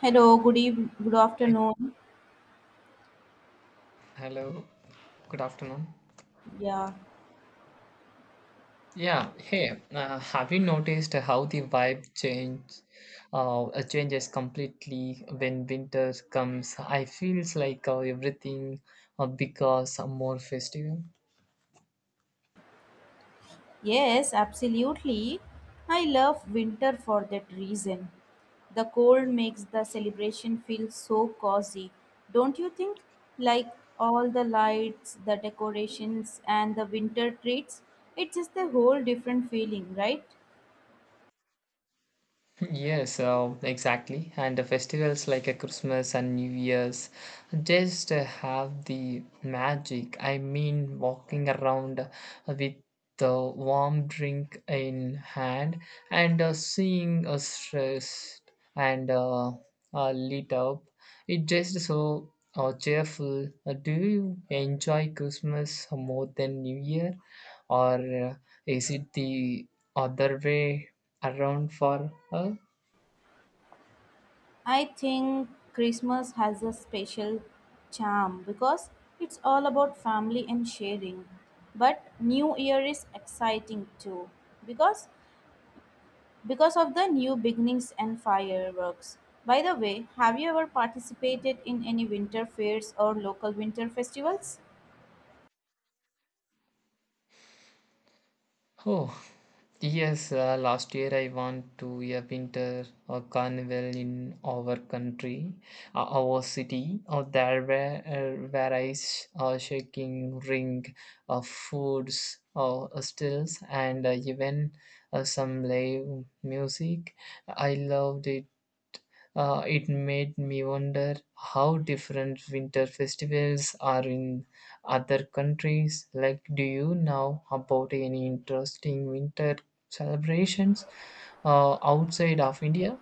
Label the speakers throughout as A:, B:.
A: Hello, good evening, good
B: Hey,
A: afternoon.
B: hello, good afternoon.
A: Yeah,
B: Yeah, hey, have you noticed how the vibe changes completely when winter comes? I feels like everything becomes more festive.
A: yes, absolutely. I love winter for that reason. The cold makes the celebration feel so cozy, don't you think? Like all the lights, the decorations, and the winter treats, it's just a whole different feeling, right?
B: Yes, exactly. And the festivals like a Christmas and New Year's just have the magic. I mean, walking around with the warm drink in hand and seeing us stressed and lit up. It just so cheerful. Do you enjoy Christmas more than New Year, or uh, is it the other way around for her?
A: I think Christmas has a special charm because it's all about family and sharing. But New Year is exciting too because because of the new beginnings and fireworks. By the way, have you ever participated in any winter fairs or local winter festivals?
B: Oh, yes, last year I went to a winter carnival in our country, our city. There were various shaking ring of foods, stills, and even some live music. I loved it. It made me wonder how different winter festivals are in other countries. Like, do you know about any interesting winter celebrations outside of India?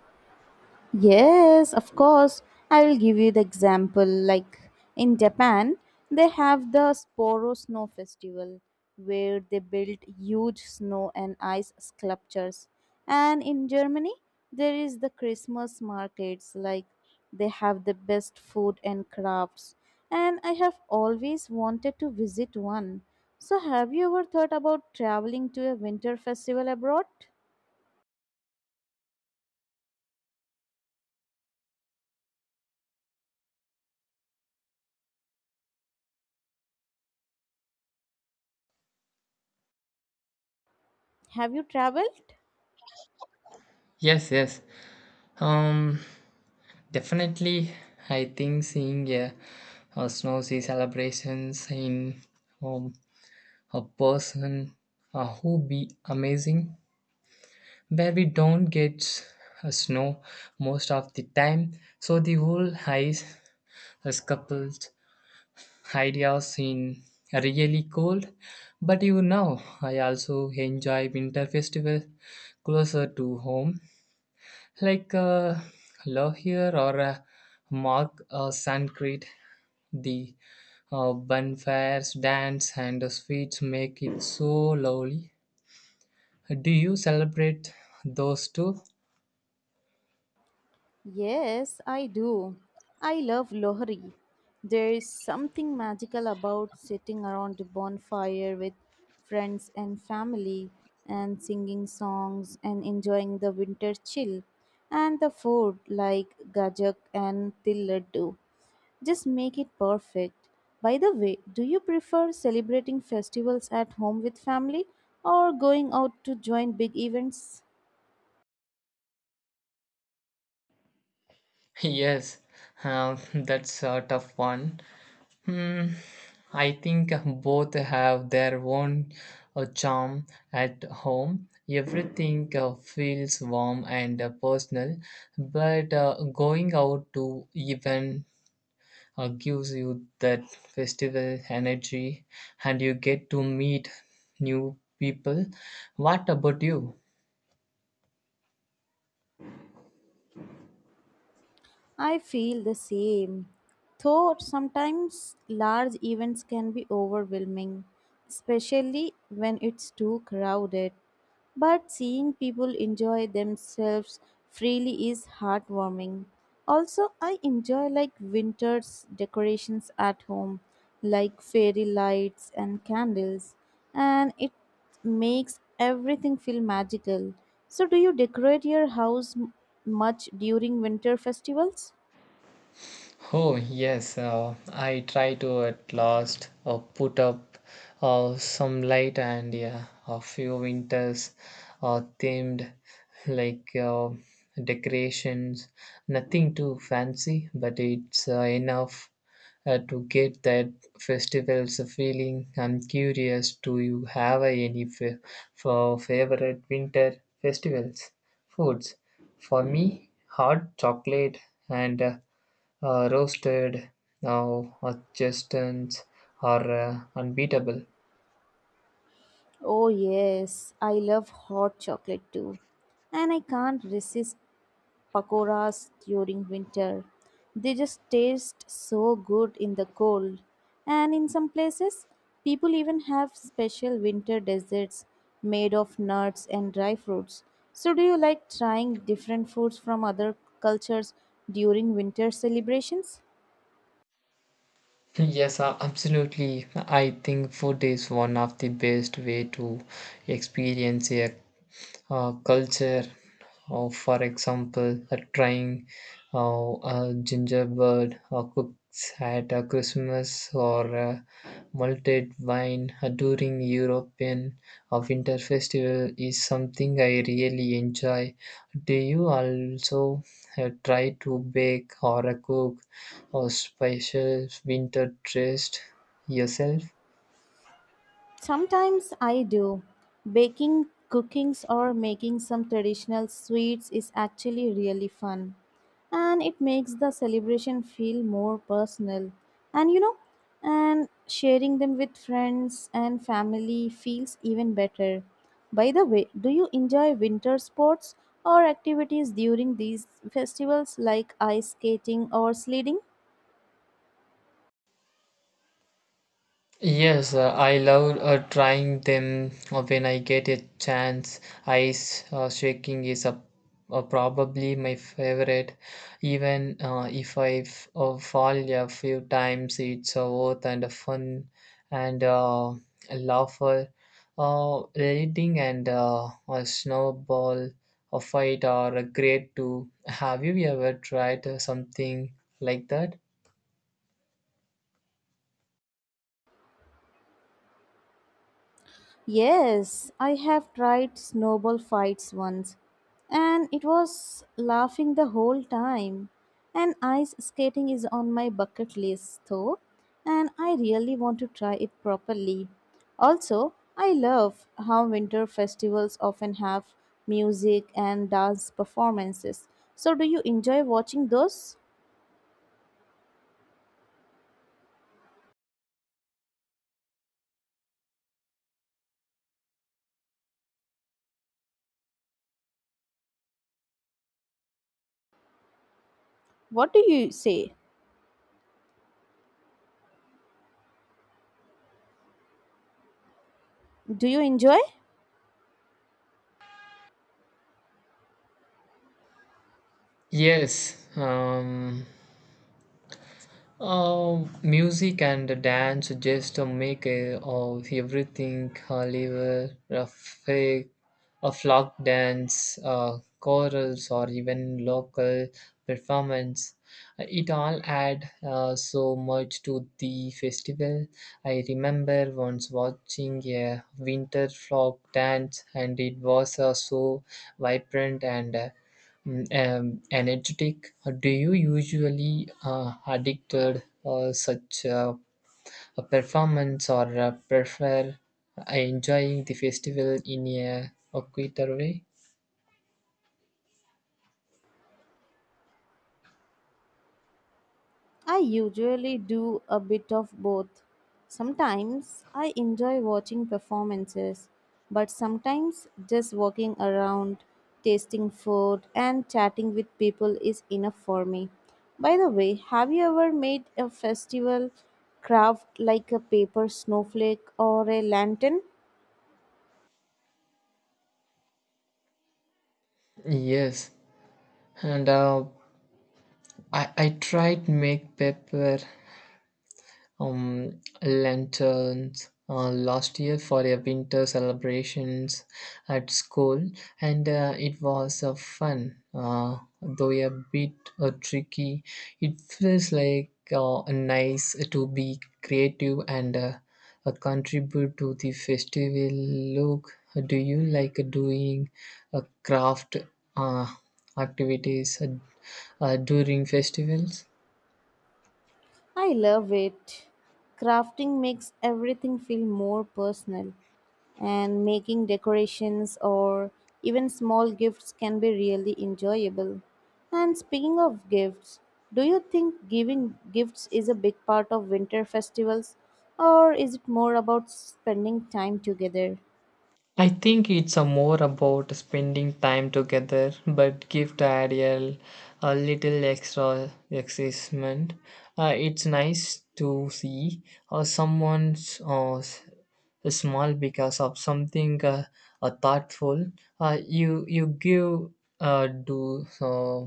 A: Yes, of course. I will give you the example. Like in Japan, they have the Sporo Snow Festival where they build huge snow and ice sculptures. And in Germany, there is the Christmas markets. Like they have the best food and crafts. And I have always wanted to visit one. So, have you ever thought about traveling to a winter festival abroad? Have you traveled?
B: Yes, yes. Um, Definitely, I think seeing a snow sea celebrations in um, a person would be amazing, where we don't get snow most of the time. So the whole ice is coupled ideas in really cold. But you know, I also enjoy winter festival closer to home, like Lohier or Mark Suncrete. The bonfires, dance, and the sweets make it so lovely. Do you celebrate those two?
A: Yes, I do. I love Lohri. There is something magical about sitting around a bonfire with friends and family and singing songs and enjoying the winter chill and the food like gajak and til laddu. Just make it perfect. By the way, do you prefer celebrating festivals at home with family or going out to join big events?
B: Yes, that's a tough one. Hmm, I think both have their own charm at home. Everything feels warm and personal, but going out to even gives you that festival energy and you get to meet new people. What about you?
A: I feel the same. Though sometimes large events can be overwhelming, especially when it's too crowded. But seeing people enjoy themselves freely is heartwarming. Also, I enjoy like winter's decorations at home, like fairy lights and candles, and it makes everything feel magical. So, do you decorate your house much during winter festivals?
B: Oh, yes, I try to at last put up some light and yeah, a few winters themed like decorations. Nothing too fancy, but it's enough to get that festival's feeling. I'm curious, do you have any for favorite winter festivals foods? For me, hot chocolate and roasted now chestnuts are unbeatable.
A: Oh, yes, I love hot chocolate too. And I can't resist pakoras during winter. They just taste so good in the cold. And in some places, people even have special winter desserts made of nuts and dry fruits. So, do you like trying different foods from other cultures during winter celebrations?
B: Yes, absolutely, I think food is one of the best way to experience a culture. For example, trying a gingerbread cooks at Christmas or malted wine during European winter festival is something I really enjoy. Do you also try to bake or cook or special winter dress yourself?
A: Sometimes I do. Baking cookings or making some traditional sweets is actually really fun. And it makes the celebration feel more personal. And you know, and sharing them with friends and family feels even better. By the way, do you enjoy winter sports or activities during these festivals like ice skating or sledding?
B: Yes, I love trying them when I get a chance. Ice shaking is a probably my favorite. Even if I fall a few times, it's worth and a fun and laughter. Reading and a snowball a fight are a great too. Have you ever tried something like that?
A: Yes, I have tried snowball fights once, and it was laughing the whole time. And ice skating is on my bucket list, though, and I really want to try it properly. Also, I love how winter festivals often have music and dance performances. So, do you enjoy watching those? What do you say? Do you enjoy?
B: Yes, music and dance just make everything live a fake, a flock dance, chorals, or even local performance. It all add so much to the festival. I remember once watching a winter flock dance, and it was so vibrant and energetic. Do you usually addicted such a performance or prefer enjoying the festival in a quieter way?
A: I usually do a bit of both. Sometimes I enjoy watching performances, but sometimes just walking around, tasting food, and chatting with people is enough for me. By the way, have you ever made a festival craft like a paper snowflake or a lantern?
B: Yes, and I tried make paper lanterns last year for a winter celebrations at school, and it was fun, though a bit tricky. It feels like nice to be creative and contribute to the festival look. Do you like doing craft uh, activities during festivals?
A: I love it. Crafting makes everything feel more personal, and making decorations or even small gifts can be really enjoyable. And speaking of gifts, do you think giving gifts is a big part of winter festivals, or is it more about spending time together?
B: I think it's a more about spending time together, but give the idea a little extra excitement. It's nice to see someone's small because of something thoughtful. You give do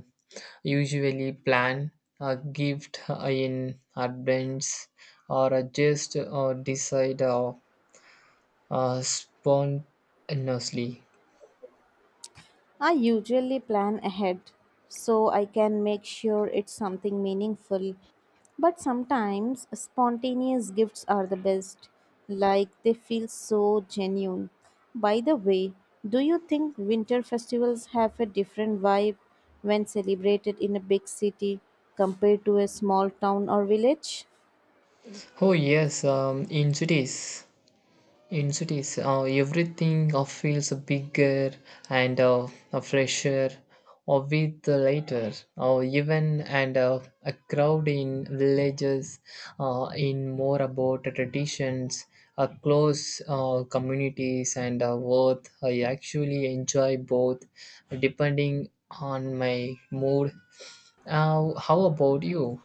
B: usually plan a gift in advance or just decide spontaneously.
A: I usually plan ahead so I can make sure it's something meaningful. But sometimes spontaneous gifts are the best, like they feel so genuine. By the way, do you think winter festivals have a different vibe when celebrated in a big city compared to a small town or village?
B: Oh yes, in cities, everything feels bigger and fresher, or with later, or even and a crowd in villages, in more about the traditions, close communities, and what I actually enjoy both, depending on my mood. How about you?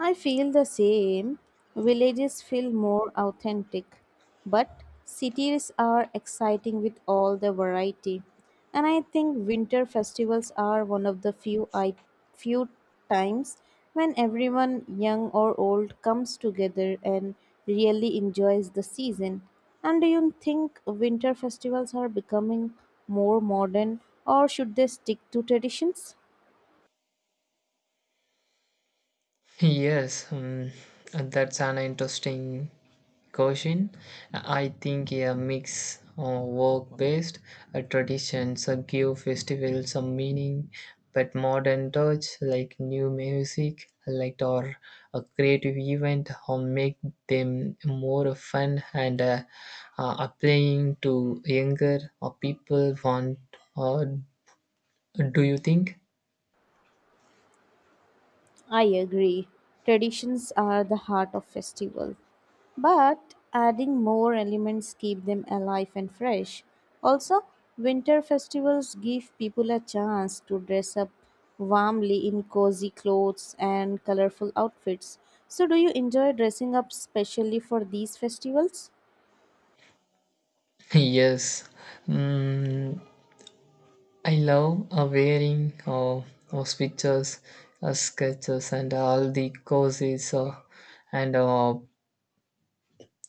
A: I feel the same. Villages feel more authentic, but cities are exciting with all the variety. And I think winter festivals are one of the few times when everyone young or old comes together and really enjoys the season. And do you think winter festivals are becoming more modern or should they stick to traditions?
B: Yes, that's an interesting question. I think a mix of work-based traditions give festivals some meaning, but modern touch like new music, like or a creative event, or make them more fun and appealing to younger or people want. Or do you think?
A: I agree. Traditions are the heart of festival, but adding more elements keep them alive and fresh. Also, winter festivals give people a chance to dress up warmly in cozy clothes and colorful outfits. So do you enjoy dressing up specially for these festivals?
B: Yes, Mm, I love wearing those pictures, sketches, and all the courses, and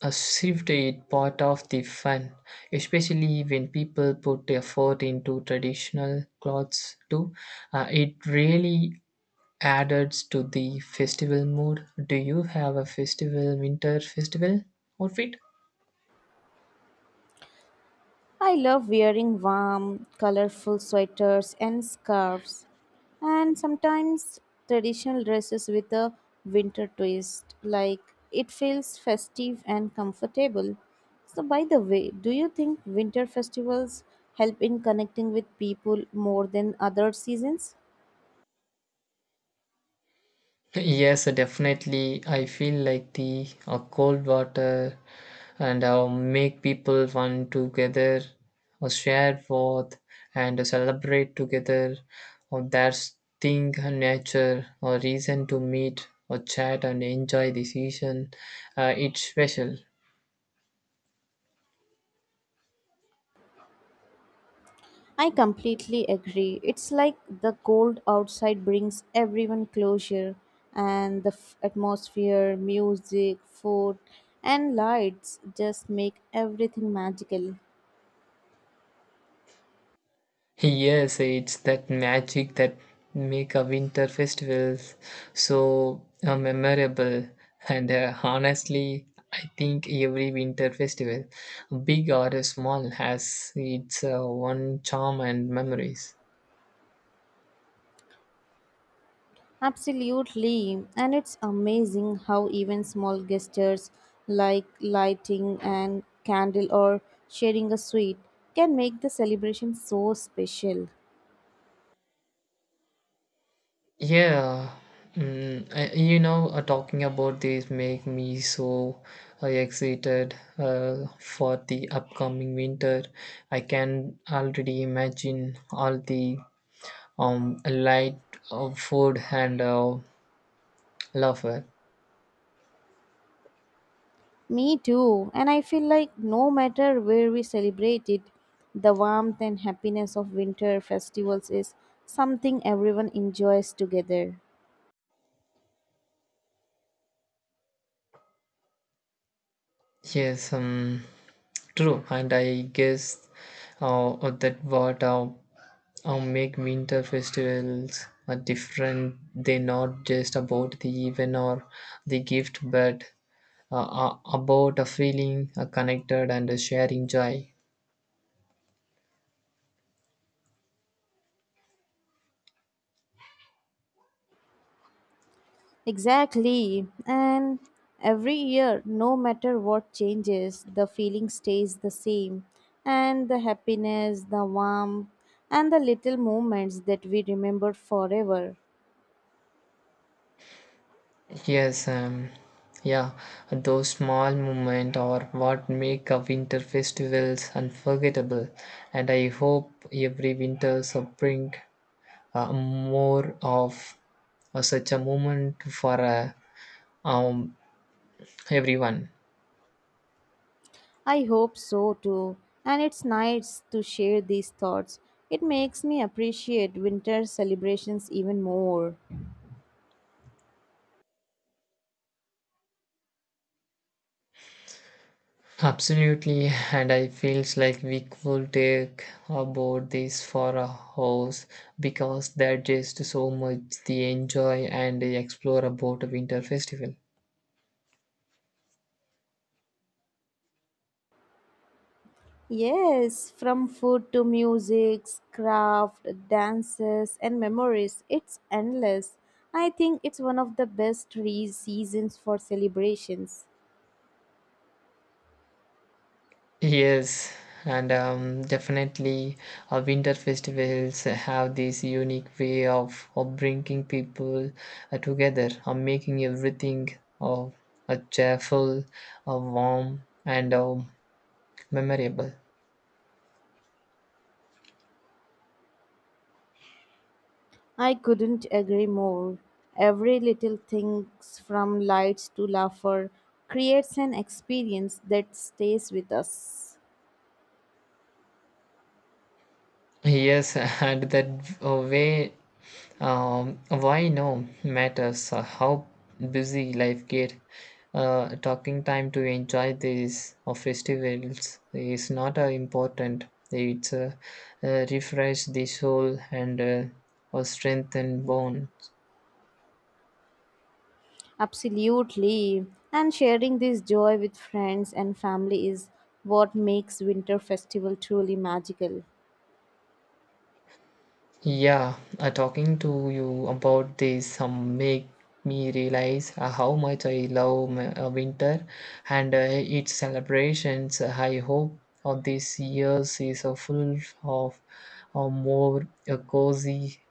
B: a shift is part of the fun, especially when people put effort into traditional clothes too. It really added to the festival mood. Do you have a festival, winter festival outfit?
A: I love wearing warm, colorful sweaters and scarves, and sometimes traditional dresses with a winter twist. Like it feels festive and comfortable. So, by the way, do you think winter festivals help in connecting with people more than other seasons?
B: Yes, definitely. I feel like the cold water and make people one together, or share forth and celebrate together. Or there's thing and nature or reason to meet or chat and enjoy the season. It's special.
A: I completely agree. It's like the cold outside brings everyone closure, and the atmosphere, music, food, and lights just make everything magical.
B: Yes, it's that magic that make a winter festivals so memorable. And honestly, I think every winter festival, big or small, has its one charm and memories.
A: Absolutely. And it's amazing how even small gestures like lighting and candle or sharing a sweet can make the celebration so special.
B: Yeah, talking about this make me so excited for the upcoming winter. I can already imagine all the light food and laughter.
A: Me too. And I feel like no matter where we celebrate it, the warmth and happiness of winter festivals is something everyone enjoys together.
B: Yes, true, and I guess that what make winter festivals are different. They not just about the event or the gift, but about a feeling connected and a sharing joy.
A: Exactly. And every year, no matter what changes, the feeling stays the same. And the happiness, the warmth, and the little moments that we remember forever.
B: Yes, yeah, those small moments are what make a winter festivals unforgettable, and I hope every winter so bring more of such a moment for um, everyone.
A: I hope so too, and it's nice to share these thoughts. It makes me appreciate winter celebrations even more.
B: Absolutely, and I feels like we could take about this for a house because there's just so much the enjoy and explore about a winter festival.
A: Yes, from food to music, craft, dances, and memories, it's endless. I think it's one of the best seasons for celebrations.
B: Yes, and definitely, winter festivals have this unique way of bringing people together, making everything uh, cheerful, warm, and memorable.
A: I couldn't agree more. Every little thing, from lights to laughter, creates an experience that stays with us.
B: Yes, and that way, why no matters how busy life get. Talking time to enjoy these or festivals is not important. It's refresh the soul and or strengthen bones.
A: Absolutely. And sharing this joy with friends and family is what makes Winter Festival truly magical.
B: Yeah, talking to you about this make me realize how much I love my, winter and its celebrations. I hope this year's is a full of more cozy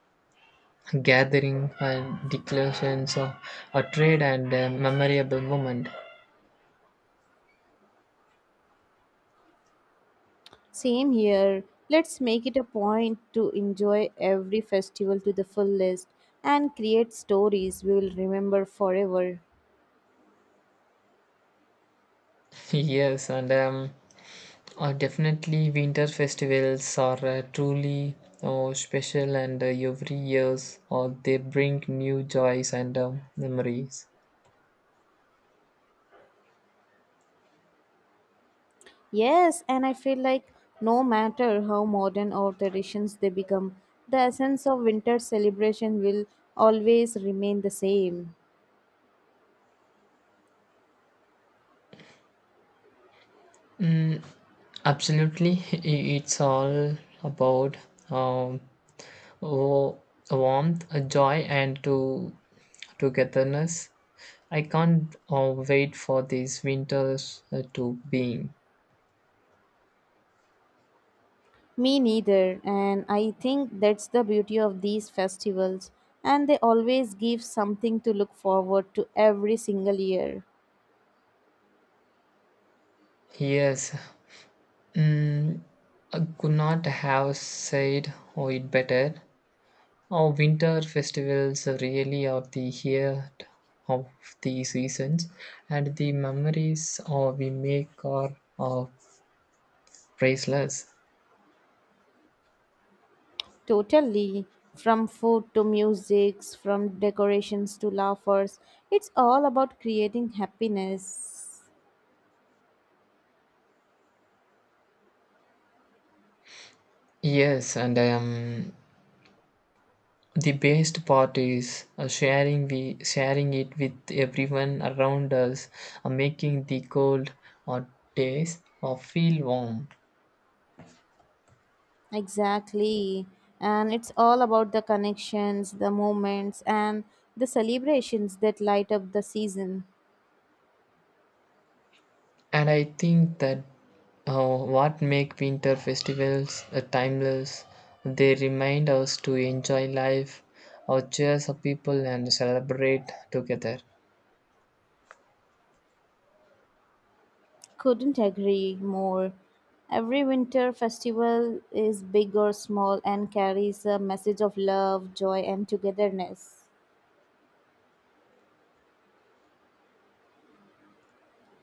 B: gathering and declarations of a trade and memorable moment.
A: Same here. Let's make it a point to enjoy every festival to the fullest and create stories we will remember forever.
B: Yes, and definitely, winter festivals are truly special, and every years they bring new joys and memories.
A: Yes, and I feel like no matter how modern or traditions they become, the essence of winter celebration will always remain the same.
B: Mm, absolutely. I- it's all about um, wo- warmth, joy, and to togetherness. I can't wait for these winters to being.
A: Me neither, and I think that's the beauty of these festivals, and they always give something to look forward to every single year.
B: Yes, mm, I could not have said oh, it better. Our winter festivals really are the heart of the seasons, and the memories we make are priceless.
A: Totally, from food to musics, from decorations to laughers, it's all about creating happiness.
B: Yes, and the best part is sharing it with everyone around us, making the cold or days feel warm.
A: Exactly, and it's all about the connections, the moments, and the celebrations that light up the season.
B: And I think that what make winter festivals timeless, they remind us to enjoy life, or cheers up people and celebrate together.
A: Couldn't agree more. Every winter festival is big or small and carries a message of love, joy, and togetherness.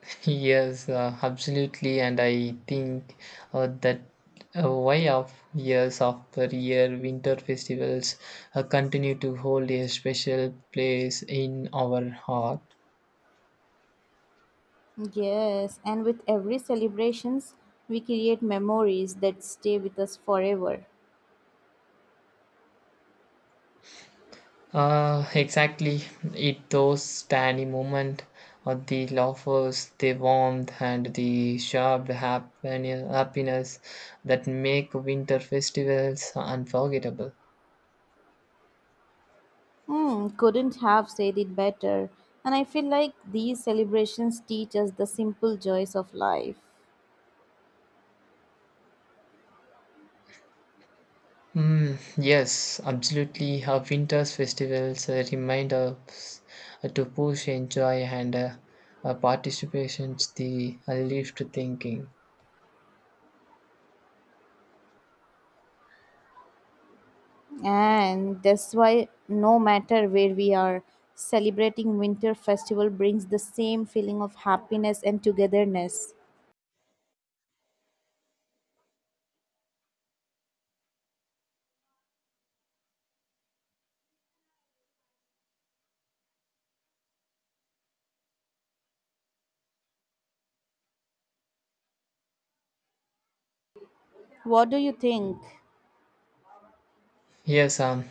B: Yes, absolutely, and I think that why of years after year, winter festivals continue to hold a special place in our heart.
A: Yes, and with every celebrations, we create memories that stay with us forever.
B: Exactly. It those tiny moment of the laughs, the warmth, and the shared happiness that make winter festivals unforgettable.
A: Hmm, couldn't have said it better. And I feel like these celebrations teach us the simple joys of life.
B: Mm, yes, absolutely. Our winter's festivals remind us to push, enjoy, and participations the lift thinking.
A: And that's why, no matter where we are, celebrating Winter Festival brings the same feeling of happiness and togetherness. What do you think?
B: Yes,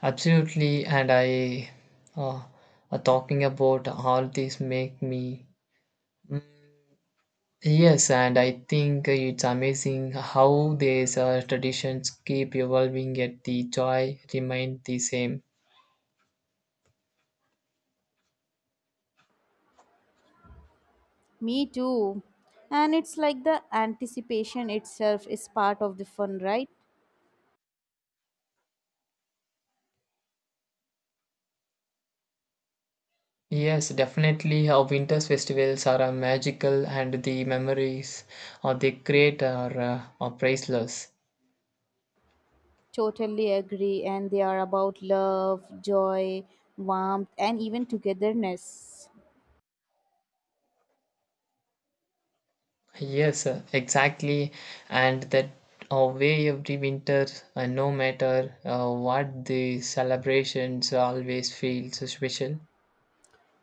B: absolutely. And I, uh, talking about all this make me yes, and I think it's amazing how these traditions keep evolving yet the joy remain the same.
A: Me too. And it's like the anticipation itself is part of the fun, right?
B: Yes, definitely. Our winter's festivals are magical, and the memories they create are priceless.
A: Totally agree. And they are about love, joy, warmth, and even togetherness.
B: Yes, exactly. And that way every winter, no matter what the celebrations, always feels special.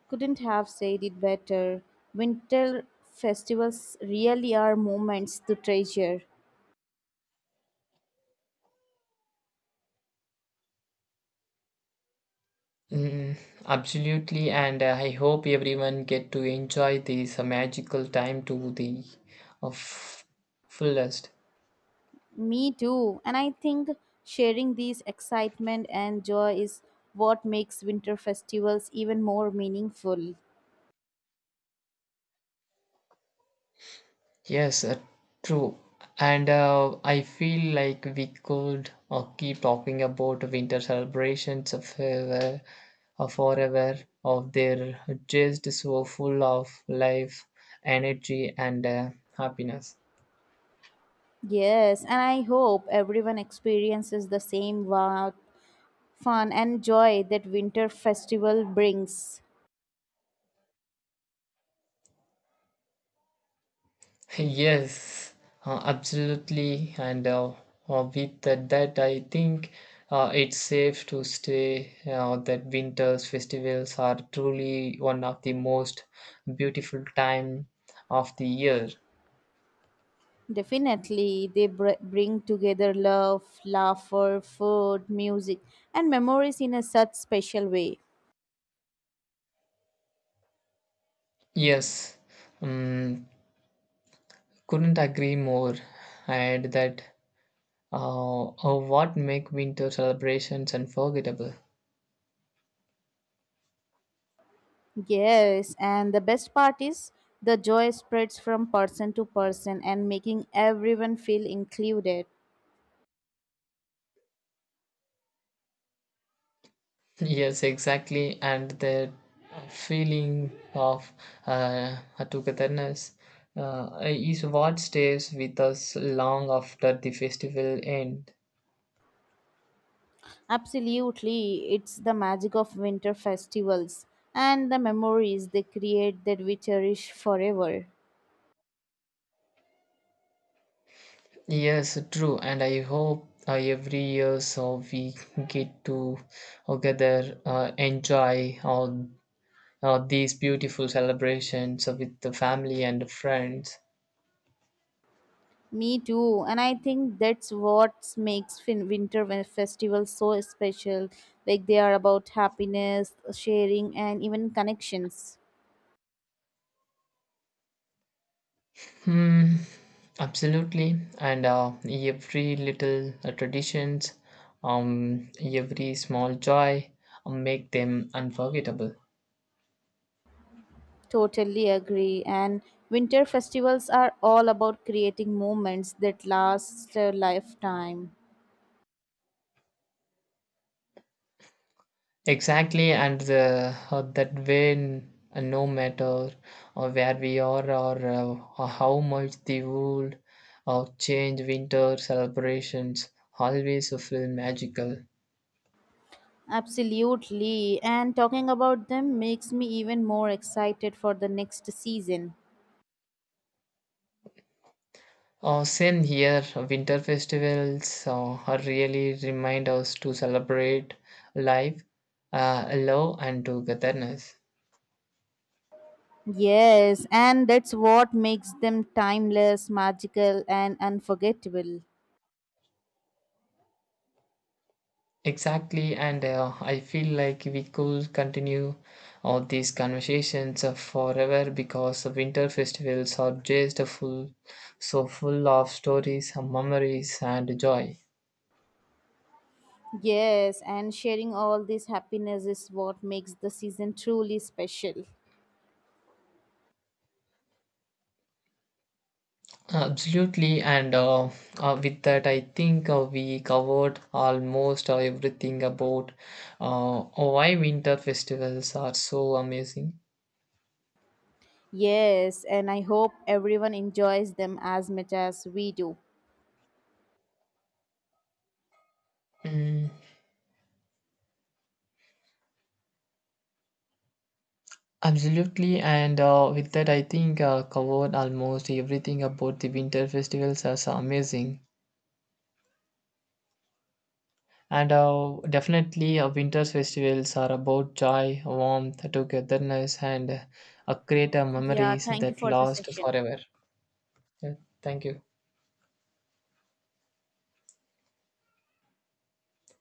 A: Couldn't have said it better. Winter festivals really are moments to treasure.
B: Mm, absolutely, and I hope everyone get to enjoy this magical time to the uh, f- fullest.
A: Me too. And I think sharing these excitement and joy is what makes winter festivals even more meaningful.
B: Yes, true. And I feel like we could keep talking about winter celebrations of forever, of their just so full of life, energy, and happiness.
A: Yes, and I hope everyone experiences the same wow, fun and joy that winter festival brings.
B: Yes, absolutely. And with that, I think it's safe to say that winter's festivals are truly one of the most beautiful time of the year.
A: Definitely, they bring together love, laughter, food, music, and memories in a such special way.
B: Yes, um, couldn't agree more. And that what make winter celebrations unforgettable.
A: Yes, and the best part is the joy spreads from person to person and making everyone feel included.
B: Yes, exactly. And the feeling of uh, togetherness is what stays with us long after the festival end.
A: Absolutely, it's the magic of winter festivals and the memories they create that we cherish forever.
B: Yes, true. And I hope every year so we get to together enjoy all these beautiful celebrations with the family and friends.
A: Me too, and I think that's what makes festivals so special. Like they are about happiness, sharing, and even connections.
B: Hmm, absolutely. And every little traditions, every small joy make them unforgettable.
A: Totally agree. And winter festivals are all about creating moments that last a lifetime.
B: Exactly, and the, that way, no matter where we are or how much the world change, winter celebrations always feel magical.
A: Absolutely. And talking about them makes me even more excited for the next season.
B: Same here, winter festivals really remind us to celebrate life, love, and togetherness.
A: Yes, and that's what makes them timeless, magical, and unforgettable.
B: Exactly, and I feel like we could continue all these conversations forever because the winter festivals are just full, so full of stories, memories, and joy.
A: Yes, and sharing all this happiness is what makes the season truly special.
B: Absolutely, and with that, I think we covered almost everything about oh, why winter festivals are so amazing.
A: Yes, and I hope everyone enjoys them as much as we do.
B: Mm, absolutely, and with that, I think covered almost everything about the winter festivals as amazing. And definitely, winter festivals are about joy, warmth, togetherness, and create
A: Yeah,
B: memories
A: thank you
B: that
A: for the
B: last
A: session.
B: forever. Yeah, thank you.